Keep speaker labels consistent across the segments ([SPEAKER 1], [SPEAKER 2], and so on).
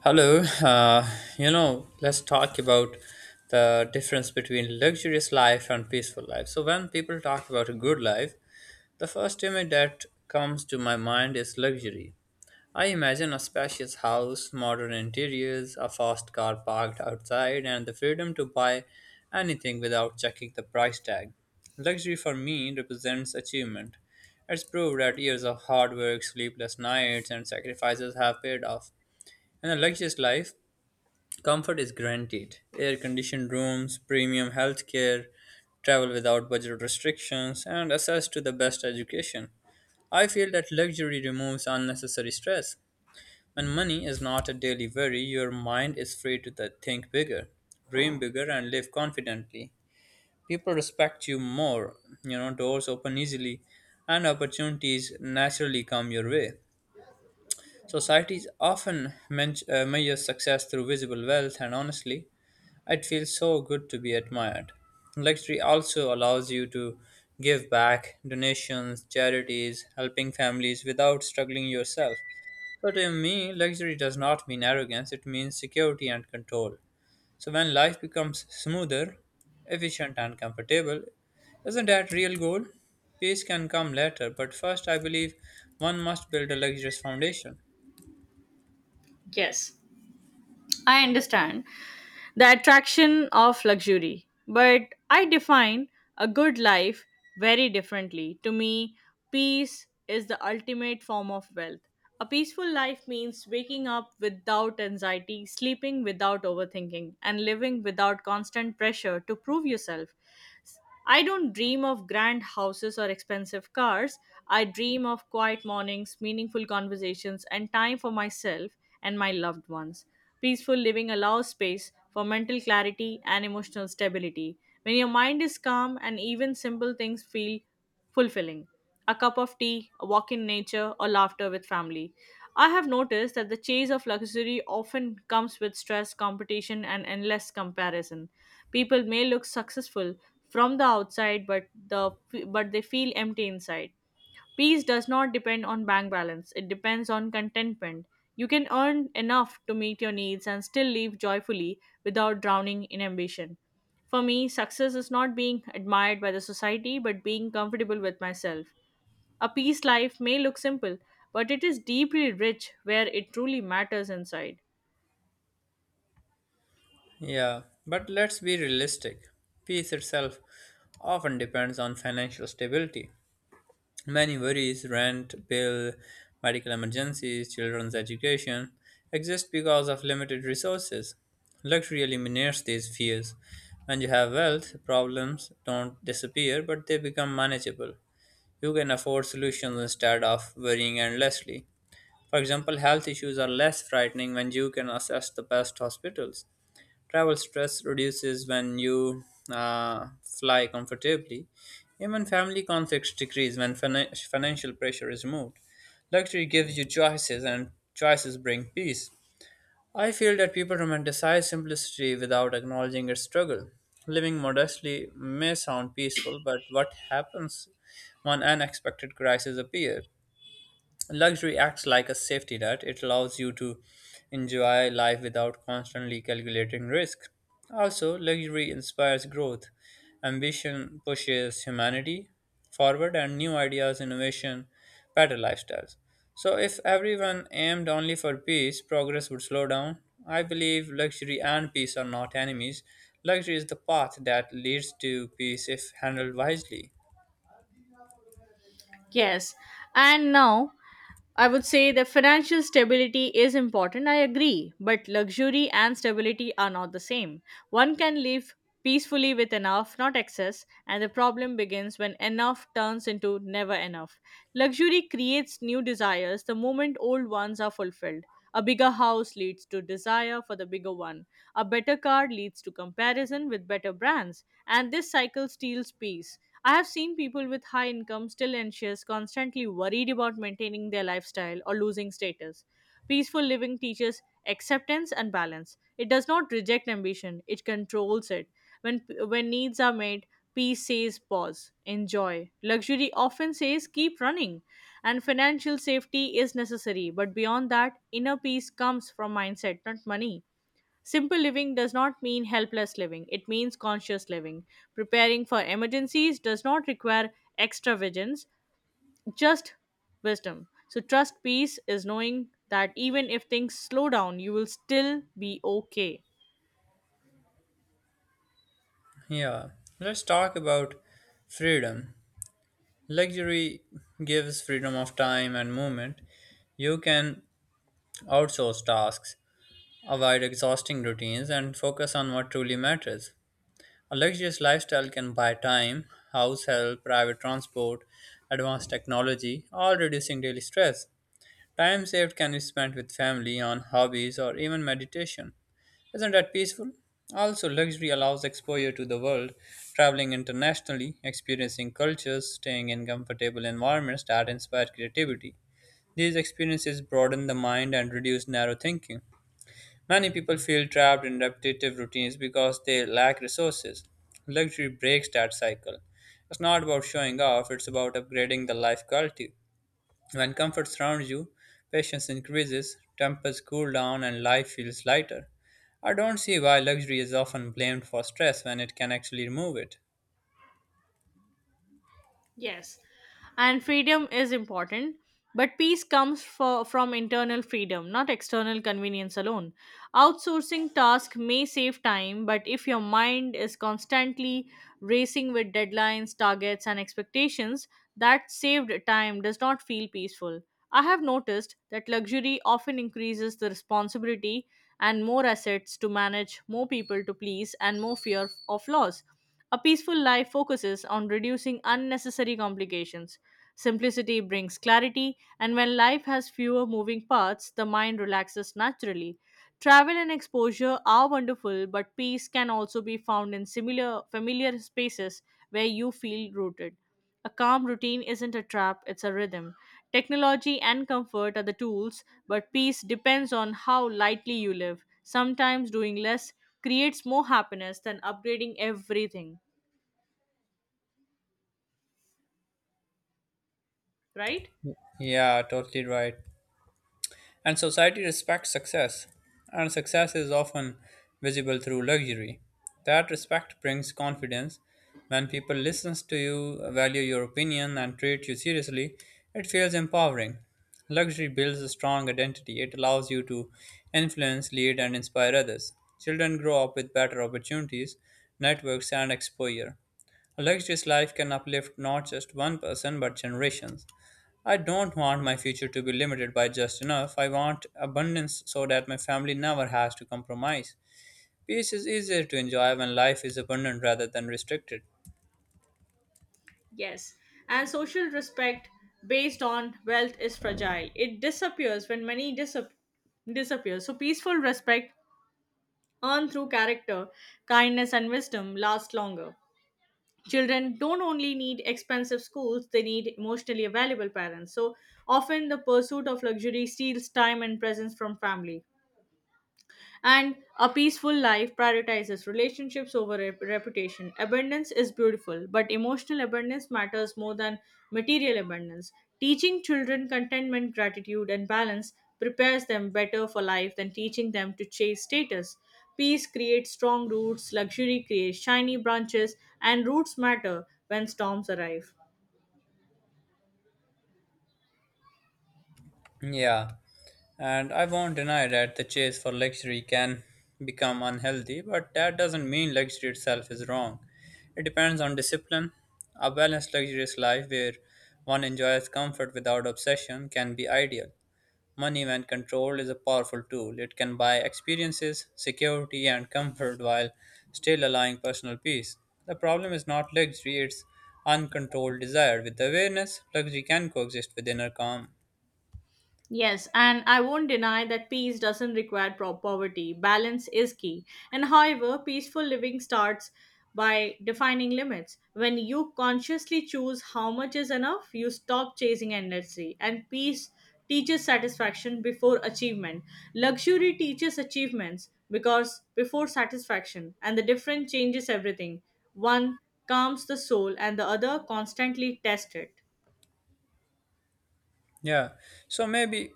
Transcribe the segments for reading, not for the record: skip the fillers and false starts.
[SPEAKER 1] Hello, let's talk about the difference between luxurious life and peaceful life. So, when people talk about a good life, the first image that comes to my mind is luxury. I imagine a spacious house, modern interiors, a fast car parked outside, and the freedom to buy anything without checking the price tag. Luxury for me represents achievement. It's proved that years of hard work, sleepless nights, and sacrifices have paid off. In a luxurious life, comfort is guaranteed. Air conditioned rooms, premium healthcare, travel without budget restrictions, and access to the best education. I feel that luxury removes unnecessary stress. When money is not a daily worry, your mind is free to think bigger, dream bigger, and live confidently. People respect you more, doors open easily, and opportunities naturally come your way. Societies often measure success through visible wealth, and honestly, it feels so good to be admired. Luxury also allows you to give back donations, charities, helping families without struggling yourself. So, to me, luxury does not mean arrogance, it means security and control. So, when life becomes smoother, efficient, and comfortable, isn't that real goal? Peace can come later, but first, I believe one must build a luxurious foundation.
[SPEAKER 2] Yes, I understand the attraction of luxury, but I define a good life very differently. To me, peace is the ultimate form of wealth. A peaceful life means waking up without anxiety, sleeping without overthinking, and living without constant pressure to prove yourself. I don't dream of grand houses or expensive cars. I dream of quiet mornings, meaningful conversations, and time for myself and my loved ones. Peaceful living allows space for mental clarity and emotional stability. When your mind is calm and even simple things feel fulfilling. A cup of tea, a walk in nature, or laughter with family. I have noticed that the chase of luxury often comes with stress, competition, and endless comparison. People may look successful from the outside, but they feel empty inside. Peace does not depend on bank balance. It depends on contentment. You can earn enough to meet your needs and still live joyfully without drowning in ambition. For me, success is not being admired by the society, but being comfortable with myself. A peace life may look simple, but it is deeply rich where it truly matters inside.
[SPEAKER 1] Yeah, but let's be realistic. Peace itself often depends on financial stability. Many worries, rent, bill, medical emergencies, children's education, exist because of limited resources. Luxury eliminates these fears. When you have wealth, problems don't disappear but they become manageable. You can afford solutions instead of worrying endlessly. For example, health issues are less frightening when you can access the best hospitals. Travel stress reduces when you fly comfortably. Even family conflicts decrease when financial pressure is removed. Luxury gives you choices, and choices bring peace. I feel that people romanticize simplicity without acknowledging its struggle. Living modestly may sound peaceful, but what happens when unexpected crises appear? Luxury acts like a safety net. It allows you to enjoy life without constantly calculating risk. Also, luxury inspires growth. Ambition pushes humanity forward, and new ideas, innovation, better lifestyles. So, if everyone aimed only for peace, progress would slow down. I believe luxury and peace are not enemies. Luxury is the path that leads to peace if handled wisely.
[SPEAKER 2] Yes. And now I would say the financial stability is important. I agree, but luxury and stability are not the same. One can live peacefully with enough, not excess, and the problem begins when enough turns into never enough. Luxury creates new desires the moment old ones are fulfilled. A bigger house leads to desire for the bigger one. A better car leads to comparison with better brands, and this cycle steals peace. I have seen people with high income still anxious, constantly worried about maintaining their lifestyle or losing status. Peaceful living teaches acceptance and balance. It does not reject ambition, it controls it. When needs are made, peace says pause, enjoy. Luxury often says keep running. And financial safety is necessary, but beyond that, inner peace comes from mindset, not money. Simple living does not mean helpless living, it means conscious living. Preparing for emergencies does not require extra vigilance, just wisdom. So, trust peace is knowing that even if things slow down, you will still be okay.
[SPEAKER 1] Yeah, let's talk about freedom. Luxury gives freedom of time and movement. You can outsource tasks, avoid exhausting routines, and focus on what truly matters. A luxurious lifestyle can buy time, house help, private transport, advanced technology, all reducing daily stress. Time saved can be spent with family, on hobbies, or even meditation. Isn't that peaceful? Also, luxury allows exposure to the world, traveling internationally, experiencing cultures, staying in comfortable environments that inspire creativity. These experiences broaden the mind and reduce narrow thinking. Many people feel trapped in repetitive routines because they lack resources. Luxury breaks that cycle. It's not about showing off, it's about upgrading the life quality. When comfort surrounds you, patience increases, tempers cool down, and life feels lighter. I don't see why luxury is often blamed for stress when it can actually remove it.
[SPEAKER 2] Yes, and freedom is important, but peace comes from internal freedom, not external convenience alone. Outsourcing tasks may save time, but if your mind is constantly racing with deadlines, targets, and expectations, that saved time does not feel peaceful. I have noticed that luxury often increases the responsibility and more assets to manage, more people to please, and more fear of loss. A peaceful life focuses on reducing unnecessary complications. Simplicity brings clarity, and when life has fewer moving parts, the mind relaxes naturally. Travel and exposure are wonderful, but peace can also be found in similar familiar spaces where you feel rooted. A calm routine isn't a trap, it's a rhythm. Technology and comfort are the tools, but peace depends on how lightly you live. Sometimes doing less creates more happiness than upgrading everything, right?
[SPEAKER 1] Yeah, totally right. And society respects success, and success is often visible through luxury. That respect brings confidence. When people listens to you, value your opinion, and treat you seriously, it feels empowering. Luxury builds a strong identity. It allows you to influence, lead, and inspire others. Children grow up with better opportunities, networks, and exposure. A luxurious life can uplift not just one person but generations. I don't want my future to be limited by just enough. I want abundance so that my family never has to compromise. Peace is easier to enjoy when life is abundant rather than restricted.
[SPEAKER 2] Yes. And social respect based on wealth is fragile. It disappears when money disappears. So peaceful respect earned through character, kindness and wisdom lasts longer. Children don't only need expensive schools, they need emotionally available parents. So often the pursuit of luxury steals time and presence from family, and a peaceful life prioritizes relationships over reputation. Abundance is beautiful, but emotional abundance matters more than material abundance. Teaching children contentment, gratitude, and balance prepares them better for life than teaching them to chase status. Peace creates strong roots, luxury creates shiny branches, and roots matter when storms arrive.
[SPEAKER 1] Yeah, and I won't deny that the chase for luxury can become unhealthy, but that doesn't mean luxury itself is wrong. It depends on discipline. A balanced, luxurious life where one enjoys comfort without obsession can be ideal. Money, when controlled, is a powerful tool. It can buy experiences, security, and comfort while still allowing personal peace. The problem is not luxury, it's uncontrolled desire. With awareness, luxury can coexist with inner calm.
[SPEAKER 2] Yes, and I won't deny that peace doesn't require poverty. Balance is key. And however, peaceful living starts by defining limits. When you consciously choose how much is enough, you stop chasing endlessly. And peace teaches satisfaction before achievement. Luxury teaches achievements because before satisfaction, and the difference changes everything. One calms the soul, and the other constantly tests it.
[SPEAKER 1] Yeah, so maybe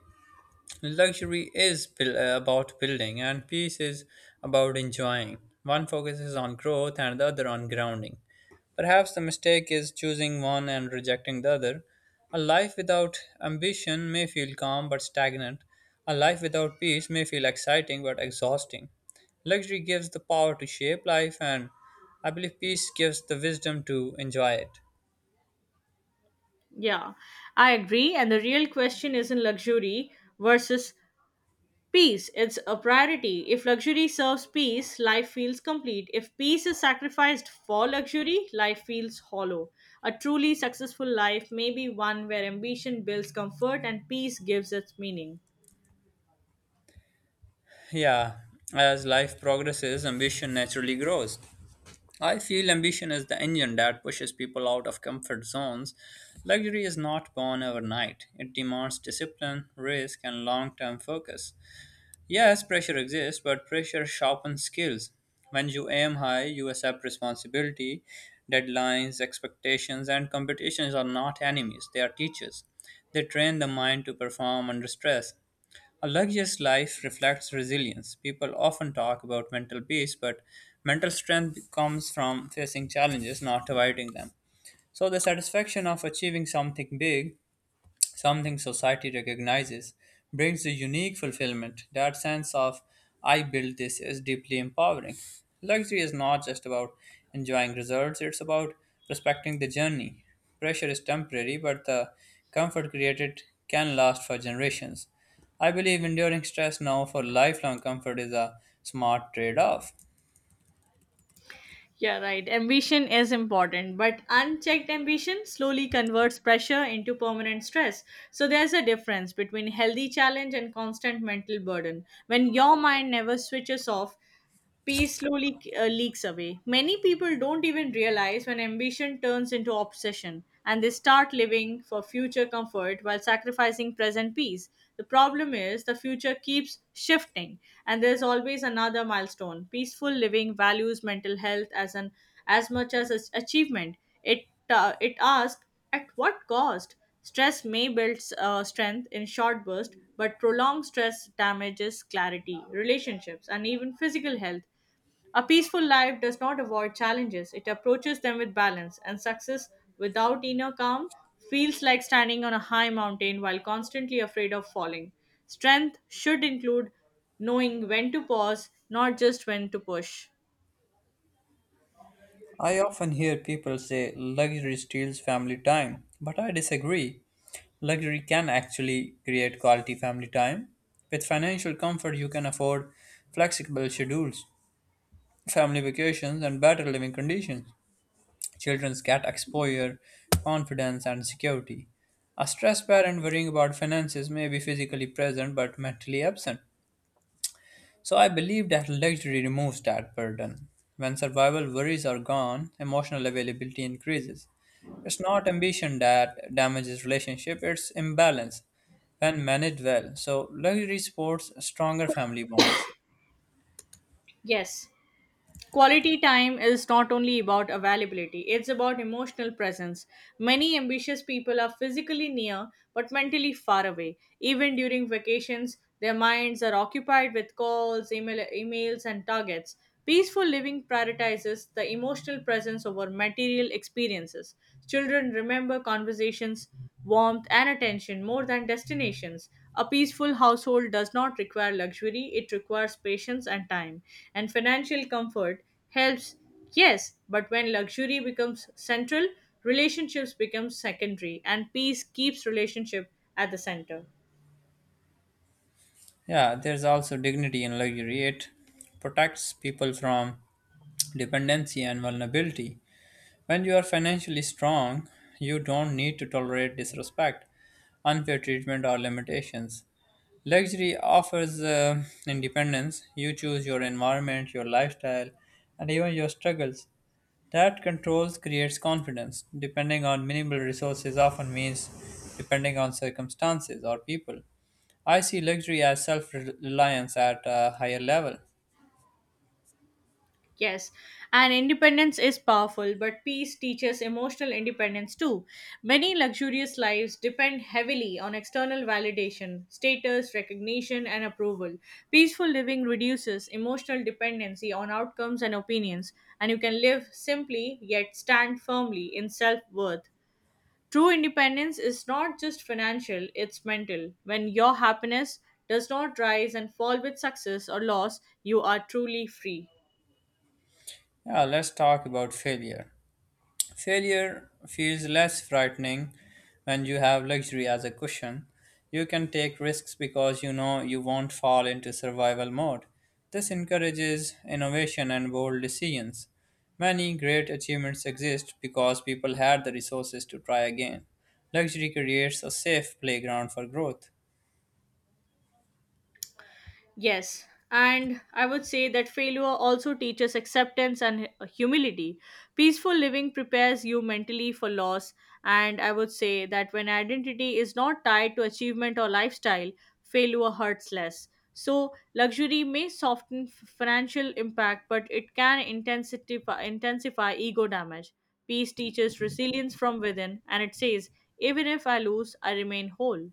[SPEAKER 1] luxury is about building, and peace is about enjoying. One focuses on growth and the other on grounding. Perhaps the mistake is choosing one and rejecting the other. A life without ambition may feel calm but stagnant. A life without peace may feel exciting but exhausting. Luxury gives the power to shape life, and I believe peace gives the wisdom to enjoy it.
[SPEAKER 2] Yeah, I agree. And the real question isn't luxury versus peace, it's a priority. If luxury serves peace, life feels complete. If peace is sacrificed for luxury, life feels hollow. A truly successful life may be one where ambition builds comfort and peace gives its meaning.
[SPEAKER 1] Yeah, as life progresses, ambition naturally grows. I feel ambition is the engine that pushes people out of comfort zones. Luxury is not born overnight. It demands discipline, risk, and long term focus. Yes, pressure exists, but pressure sharpens skills. When you aim high, you accept responsibility. Deadlines, expectations, and competitions are not enemies, they are teachers. They train the mind to perform under stress. A luxurious life reflects resilience. People often talk about mental peace, but mental strength comes from facing challenges, not avoiding them. So, the satisfaction of achieving something big, something society recognizes, brings a unique fulfillment. That sense of I built this is deeply empowering. Luxury is not just about enjoying results, it's about respecting the journey. Pressure is temporary, but the comfort created can last for generations. I believe enduring stress now for lifelong comfort is a smart trade off.
[SPEAKER 2] Yeah, right. Ambition is important, but unchecked ambition slowly converts pressure into permanent stress. So there's a difference between healthy challenge and constant mental burden. When your mind never switches off, peace slowly leaks away. Many people don't even realize when ambition turns into obsession and they start living for future comfort while sacrificing present peace. The problem is the future keeps shifting and there's always another milestone. Peaceful living values mental health as much as its achievement. It asks, at what cost? Stress may build strength in short bursts, but prolonged stress damages clarity, relationships, and even physical health. A peaceful life does not avoid challenges, it approaches them with balance, and success without inner calm feels like standing on a high mountain while constantly afraid of falling. Strength should include knowing when to pause, not just when to push.
[SPEAKER 1] I often hear people say luxury steals family time, but I disagree. Luxury can actually create quality family time. With financial comfort, you can afford flexible schedules, family vacations, and better living conditions. Children get exposure, confidence, and security. A stressed parent worrying about finances may be physically present but mentally absent. So I believe that luxury removes that burden. When survival worries are gone, emotional availability increases. It's not ambition that damages relationship, it's imbalance when managed well. So luxury supports stronger family bonds.
[SPEAKER 2] Yes, quality time is not only about availability, it's about emotional presence. Many ambitious people are physically near but mentally far away. Even during vacations, their minds are occupied with calls, emails, and targets. Peaceful living prioritizes the emotional presence over material experiences. Children remember conversations, warmth and attention more than destinations. A peaceful household does not require luxury, it requires patience and time. And financial comfort helps, yes, but when luxury becomes central, relationships become secondary, and peace keeps relationship at the center.
[SPEAKER 1] Yeah, there's also dignity in luxury. It protects people from dependency and vulnerability. When you are financially strong, you don't need to tolerate disrespect, unfair treatment, or limitations. Luxury offers independence. You choose your environment, your lifestyle, and even your struggles. That controls creates confidence. Depending on minimal resources often means depending on circumstances or people. I see luxury as self reliance at a higher level.
[SPEAKER 2] Yes, and independence is powerful, but peace teaches emotional independence too. Many luxurious lives depend heavily on external validation, status, recognition, and approval. Peaceful living reduces emotional dependency on outcomes and opinions, and you can live simply yet stand firmly in self worth. True independence is not just financial, it's mental. When your happiness does not rise and fall with success or loss, you are truly free.
[SPEAKER 1] Yeah, let's talk about failure. Failure feels less frightening when you have luxury as a cushion. You can take risks because you know you won't fall into survival mode. This encourages innovation and bold decisions. Many great achievements exist because people had the resources to try again. Luxury creates a safe playground for growth.
[SPEAKER 2] Yes, and I would say that failure also teaches acceptance and humility. Peaceful living prepares you mentally for loss, and I would say that when identity is not tied to achievement or lifestyle, failure hurts less. So, luxury may soften financial impact, but it can intensify ego damage. Peace teaches resilience from within, and it says, even if I lose, I remain whole.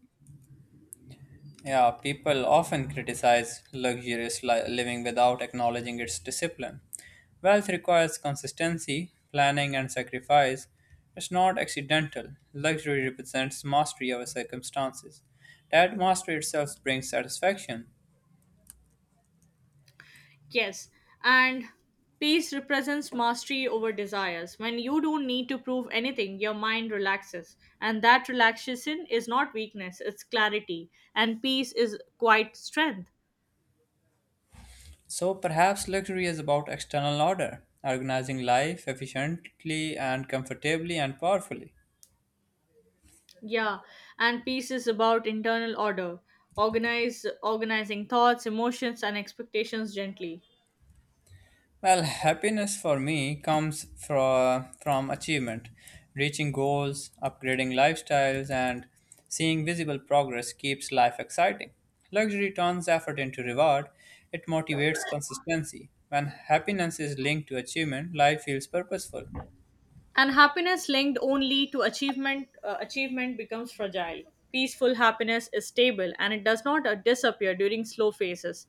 [SPEAKER 1] Yeah, people often criticize luxurious living without acknowledging its discipline. Wealth requires consistency, planning, and sacrifice. It's not accidental. Luxury represents mastery over circumstances. That mastery itself brings satisfaction.
[SPEAKER 2] Yes, and peace represents mastery over desires. When you don't need to prove anything, your mind relaxes. And that relaxation is not weakness, it's clarity. And peace is quite strength.
[SPEAKER 1] So perhaps luxury is about external order, organizing life efficiently and comfortably and powerfully.
[SPEAKER 2] Yeah, and peace is about internal order. Organize Organizing thoughts, emotions and expectations gently.
[SPEAKER 1] Well, happiness for me comes from achievement. Reaching goals, upgrading lifestyles, and seeing visible progress keeps life exciting. Luxury turns effort into reward, it motivates consistency. When happiness is linked to achievement, life feels purposeful.
[SPEAKER 2] And happiness linked only to achievement becomes fragile. Peaceful happiness is stable, and it does not disappear during slow phases.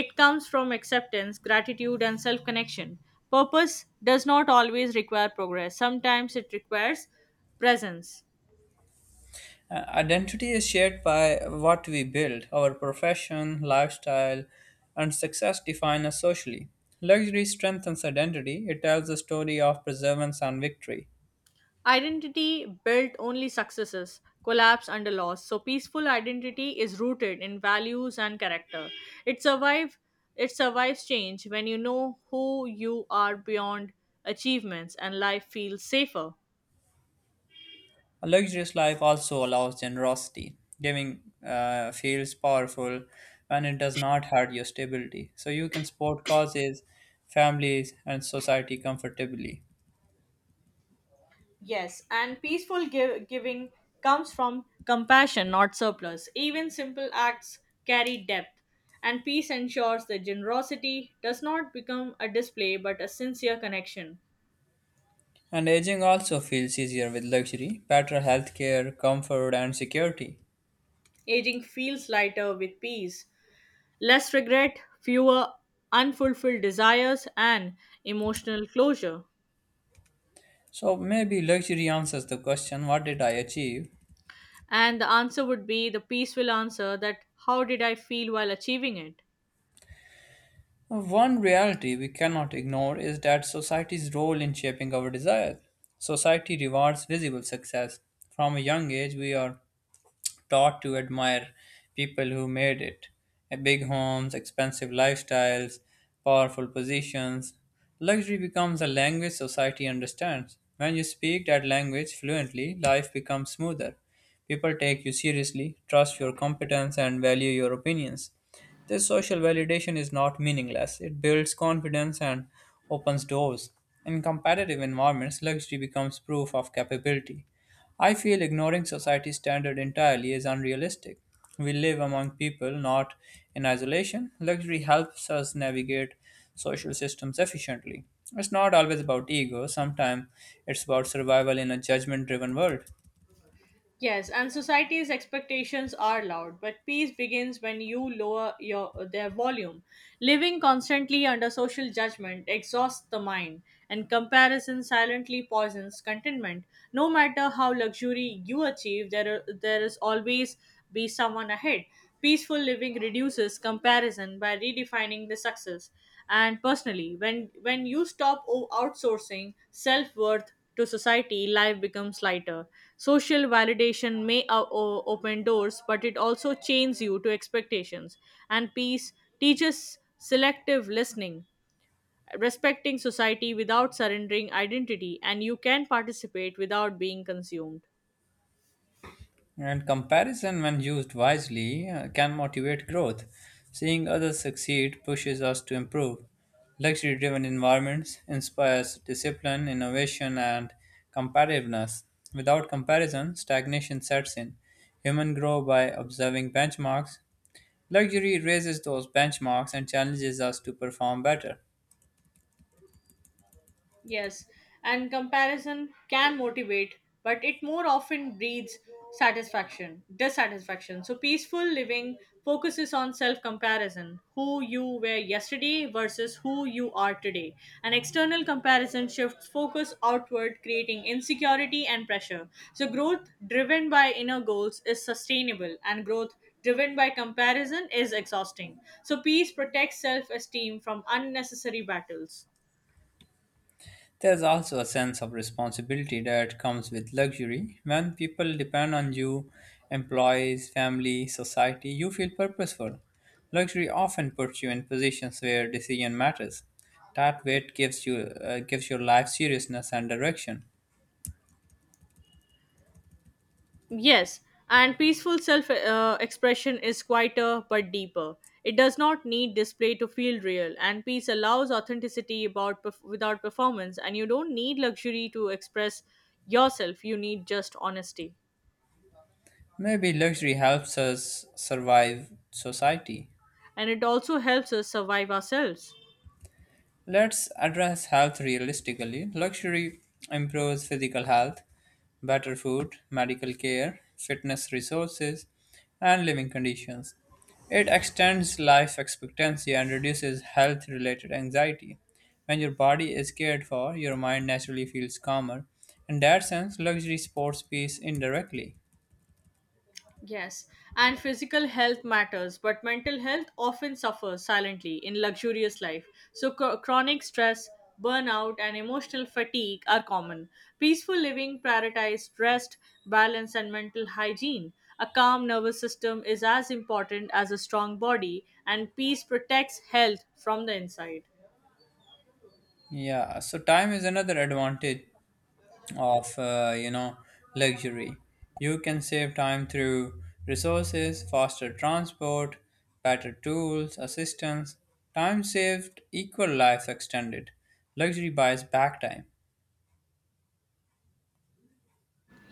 [SPEAKER 2] It comes from acceptance, gratitude and self connection. Purpose does not always require progress, sometimes it requires presence.
[SPEAKER 1] Identity is shaped by what we build. Our profession, lifestyle, and success define us socially. Luxury strengthens identity, it tells a story of perseverance and victory.
[SPEAKER 2] Identity built only successes collapse under loss. So peaceful identity is rooted in values and character. It survive it survives change when you know who you are beyond achievements, and life feels safer.
[SPEAKER 1] A luxurious life also allows generosity. Giving feels powerful when it does not hurt your stability. So you can support causes, families, and society comfortably.
[SPEAKER 2] Yes, and peaceful giving comes from compassion, not surplus. Even simple acts carry depth, and peace ensures that generosity does not become a display but a sincere connection.
[SPEAKER 1] And aging also feels easier with luxury, better healthcare, comfort, and security.
[SPEAKER 2] Aging feels lighter with peace, less regret, fewer unfulfilled desires, and emotional closure.
[SPEAKER 1] So maybe luxury answers the question what did I achieve?
[SPEAKER 2] And the answer would be the peaceful answer that, how did I feel while achieving it?
[SPEAKER 1] One reality we cannot ignore is that society's role in shaping our desires. Society rewards visible success. From a young age, we are taught to admire people who made it. Big homes, expensive lifestyles, powerful positions. Luxury becomes a language society understands. When you speak that language fluently, life becomes smoother. People take you seriously, trust your competence, and value your opinions. This social validation is not meaningless. It builds confidence and opens doors. In competitive environments, luxury becomes proof of capability. I feel ignoring society's standard entirely is unrealistic. We live among people, not in isolation. Luxury helps us navigate social systems efficiently. It's not always about ego, sometimes it's about survival in a judgment driven world.
[SPEAKER 2] Yes, and society's expectations are loud, but peace begins when you lower your their volume. Living constantly under social judgment exhausts the mind, and comparison silently poisons contentment. No matter how luxury you achieve, there is always be someone ahead. Peaceful living reduces comparison by redefining the success, and personally, when you stop outsourcing self-worth to society, life becomes lighter. Social validation may open doors, but it also chains you to expectations. And peace teaches selective listening, respecting society without surrendering identity, and you can participate without being consumed.
[SPEAKER 1] And comparison, when used wisely, can motivate growth. Seeing others succeed pushes us to improve. Luxury driven environments inspires discipline, innovation, and competitiveness. Without comparison, stagnation sets in. Humans grow by observing benchmarks. Luxury raises those benchmarks and challenges us to perform better.
[SPEAKER 2] Yes, and comparison can motivate, but it more often breeds satisfaction, dissatisfaction. So, peaceful living focuses on self comparison, who you were yesterday versus who you are today. An external comparison shifts focus outward, creating insecurity and pressure. So, growth driven by inner goals is sustainable, and growth driven by comparison is exhausting. So, peace protects self esteem from unnecessary battles.
[SPEAKER 1] There's also a sense of responsibility that comes with luxury. When people depend on you, employees, family, society, you feel purposeful. Luxury often puts you in positions where decision matters. That weight gives your life seriousness and direction.
[SPEAKER 2] Yes, and peaceful self expression is quieter but deeper. It does not need display to feel real, and peace allows authenticity about without performance. And you don't need luxury to express yourself, you need just honesty.
[SPEAKER 1] Maybe luxury helps us survive society.
[SPEAKER 2] And it also helps us survive ourselves.
[SPEAKER 1] Let's address health realistically. Luxury improves physical health, better food, medical care, fitness resources, and living conditions. It extends life expectancy and reduces health related anxiety. When your body is cared for, your mind naturally feels calmer. In that sense, luxury supports peace indirectly.
[SPEAKER 2] Yes, and physical health matters, but mental health often suffers silently in luxurious life. So, chronic stress, burnout, and emotional fatigue are common. Peaceful living prioritizes rest, balance, and mental hygiene. A calm nervous system is as important as a strong body, and peace protects health from the inside.
[SPEAKER 1] Yeah, so time is another advantage of luxury. You can save time through resources, faster transport, better tools, assistance. Time saved equal life extended. Luxury buys back time.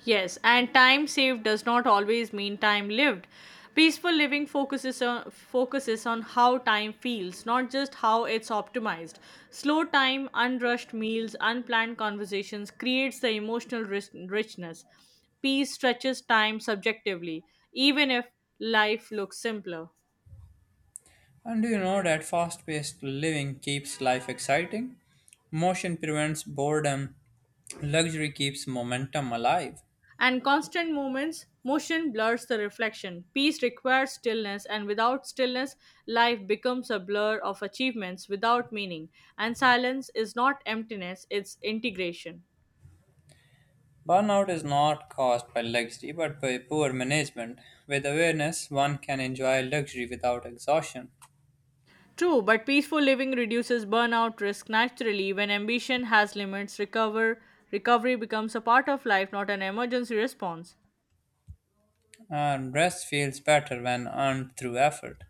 [SPEAKER 2] Yes, and time saved does not always mean time lived. Peaceful living focuses on how time feels, not just how it's optimized. Slow time, unrushed meals, unplanned conversations creates the emotional richness. Peace stretches time subjectively, even if life looks simpler.
[SPEAKER 1] And do you know that fast-paced living keeps life exciting? Motion prevents boredom. Luxury keeps momentum alive.
[SPEAKER 2] And constant movements motion blurs the reflection. Peace requires stillness, and without stillness, life becomes a blur of achievements without meaning. And silence is not emptiness, it's integration.
[SPEAKER 1] Burnout is not caused by luxury but by poor management. With awareness, one can enjoy luxury without exhaustion.
[SPEAKER 2] True, but peaceful living reduces burnout risk naturally when ambition has limits. Recovery becomes a part of life, not an emergency response.
[SPEAKER 1] And rest feels better when earned through effort.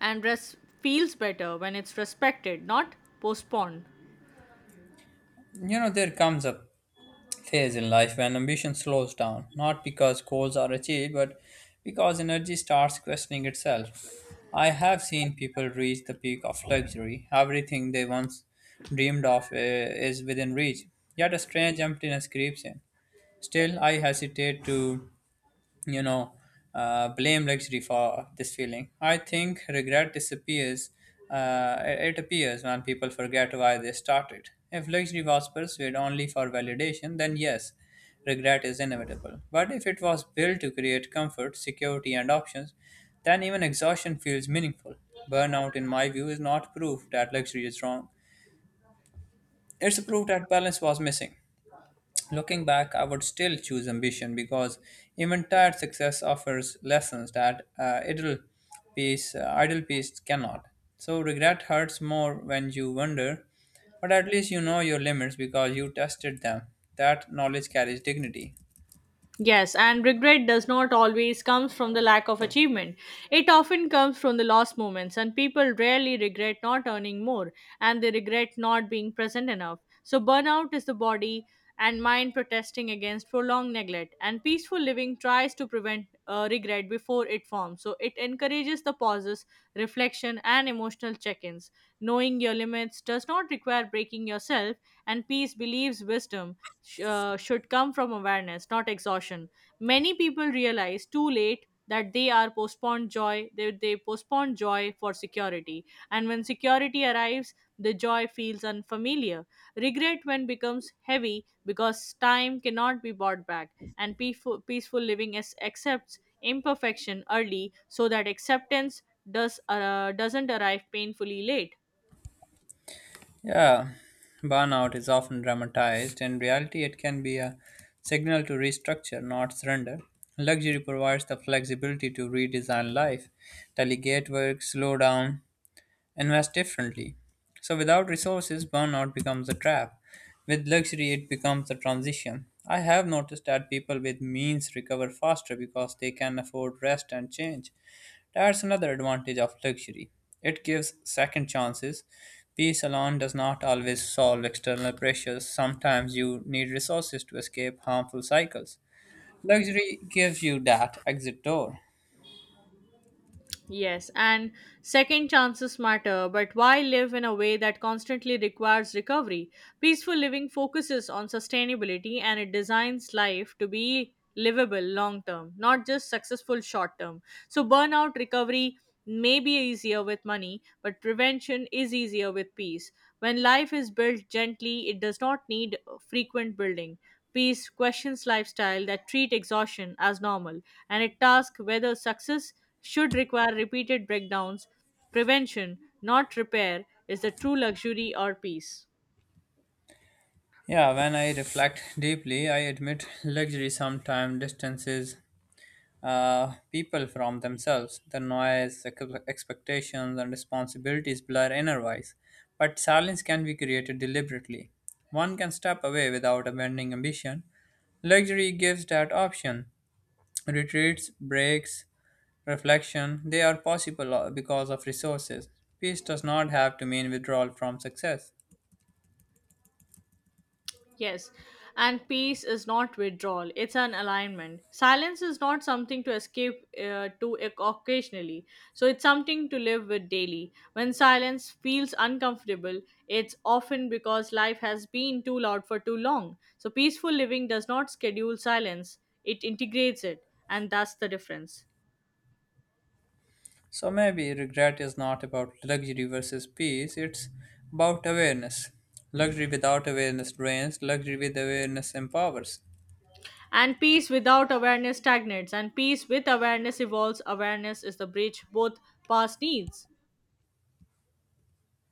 [SPEAKER 2] And rest feels better when it's respected, not postponed.
[SPEAKER 1] You know, there comes a phase in life when ambition slows down, not because goals are achieved, but because energy starts questioning itself. I have seen people reach the peak of luxury. Everything they once dreamed of is within reach, yet a strange emptiness creeps in. Still, I hesitate to you know, blame luxury for this feeling. I think regret disappears, it appears when people forget why they started. If luxury was pursued only for validation, then yes, regret is inevitable. But if it was built to create comfort, security, and options, then even exhaustion feels meaningful. Burnout, in my view, is not proof that luxury is wrong. It's a proof that balance was missing. Looking back, I would still choose ambition because even tired success offers lessons that idle peace cannot. So regret hurts more when you wonder, but at least you know your limits because you tested them. That knowledge carries dignity.
[SPEAKER 2] Yes, and regret does not always comes from the lack of achievement. It often comes from the lost moments, and people rarely regret not earning more, and they regret not being present enough. So burnout is the body and mind protesting against prolonged neglect, and peaceful living tries to prevent regret before it forms. So it encourages the pauses, reflection, and emotional check-ins. Knowing your limits does not require breaking yourself, and peace believes wisdom should come from awareness, not exhaustion. Many people realize too late that they are postponed joy, they postpone joy for security. And when security arrives, the joy feels unfamiliar. Regret when becomes heavy because time cannot be bought back, and peaceful living accepts imperfection early so that acceptance doesn't arrive painfully late.
[SPEAKER 1] Yeah, burnout is often dramatized. In reality, it can be a signal to restructure, not surrender. Luxury provides the flexibility to redesign life, delegate work, slow down, invest differently. So without resources, burnout becomes a trap. With luxury, it becomes a transition. I have noticed that people with means recover faster because they can afford rest and change. That's another advantage of luxury. It gives second chances. Peace alone does not always solve external pressures. Sometimes you need resources to escape harmful cycles. Luxury gives you that exit door.
[SPEAKER 2] Yes, and second chances matter, but why live in a way that constantly requires recovery? Peaceful living focuses on sustainability and it designs life to be livable long term, not just successful short term. So, burnout recovery may be easier with money, but prevention is easier with peace. When life is built gently, it does not need frequent building. Peace questions lifestyle that treat exhaustion as normal, and it tasks whether success should require repeated breakdowns. Prevention, not repair, is the true luxury or peace.
[SPEAKER 1] Yeah, when I reflect deeply, I admit luxury sometimes distances people from themselves. The noise, expectations, and responsibilities blur inner voice, but silence can be created deliberately. One can step away without abandoning ambition. Luxury gives that option. Retreats, breaks, reflection, they are possible because of resources. Peace does not have to mean withdrawal from success.
[SPEAKER 2] Yes, and peace is not withdrawal, it's an alignment. Silence is not something to escape occasionally, so it's something to live with daily. When silence feels uncomfortable, it's often because life has been too loud for too long. So, peaceful living does not schedule silence, it integrates it, and that's the difference.
[SPEAKER 1] So maybe regret is not about luxury versus peace, it's about awareness. Luxury without awareness drains, luxury with awareness empowers.
[SPEAKER 2] And peace without awareness stagnates, and peace with awareness evolves. Awareness is the bridge both past needs.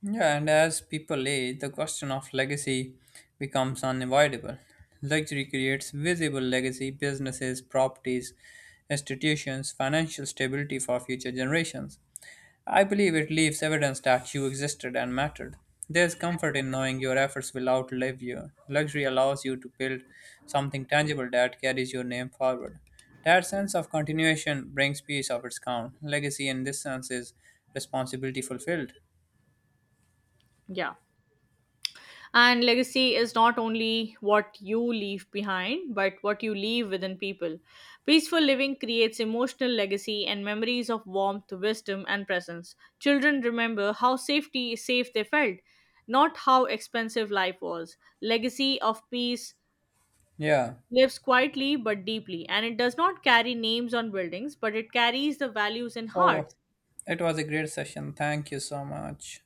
[SPEAKER 1] Yeah, and as people age, the question of legacy becomes unavoidable. Luxury creates visible legacy, businesses, properties, institutions, financial stability for future generations. I believe it leaves evidence that you existed and mattered. There's comfort in knowing your efforts will outlive you. Luxury allows you to build something tangible that carries your name forward. That sense of continuation brings peace of its own. Legacy, in this sense, is responsibility fulfilled.
[SPEAKER 2] Yeah. And legacy is not only what you leave behind, but what you leave within people. Peaceful living creates emotional legacy and memories of warmth, wisdom, and presence. Children remember how safe they felt, not how expensive life was. Legacy of peace
[SPEAKER 1] Yeah.
[SPEAKER 2] lives quietly but deeply, and it does not carry names on buildings, but it carries the values in
[SPEAKER 1] So,
[SPEAKER 2] hearts.
[SPEAKER 1] it was a great session. Thank you so much.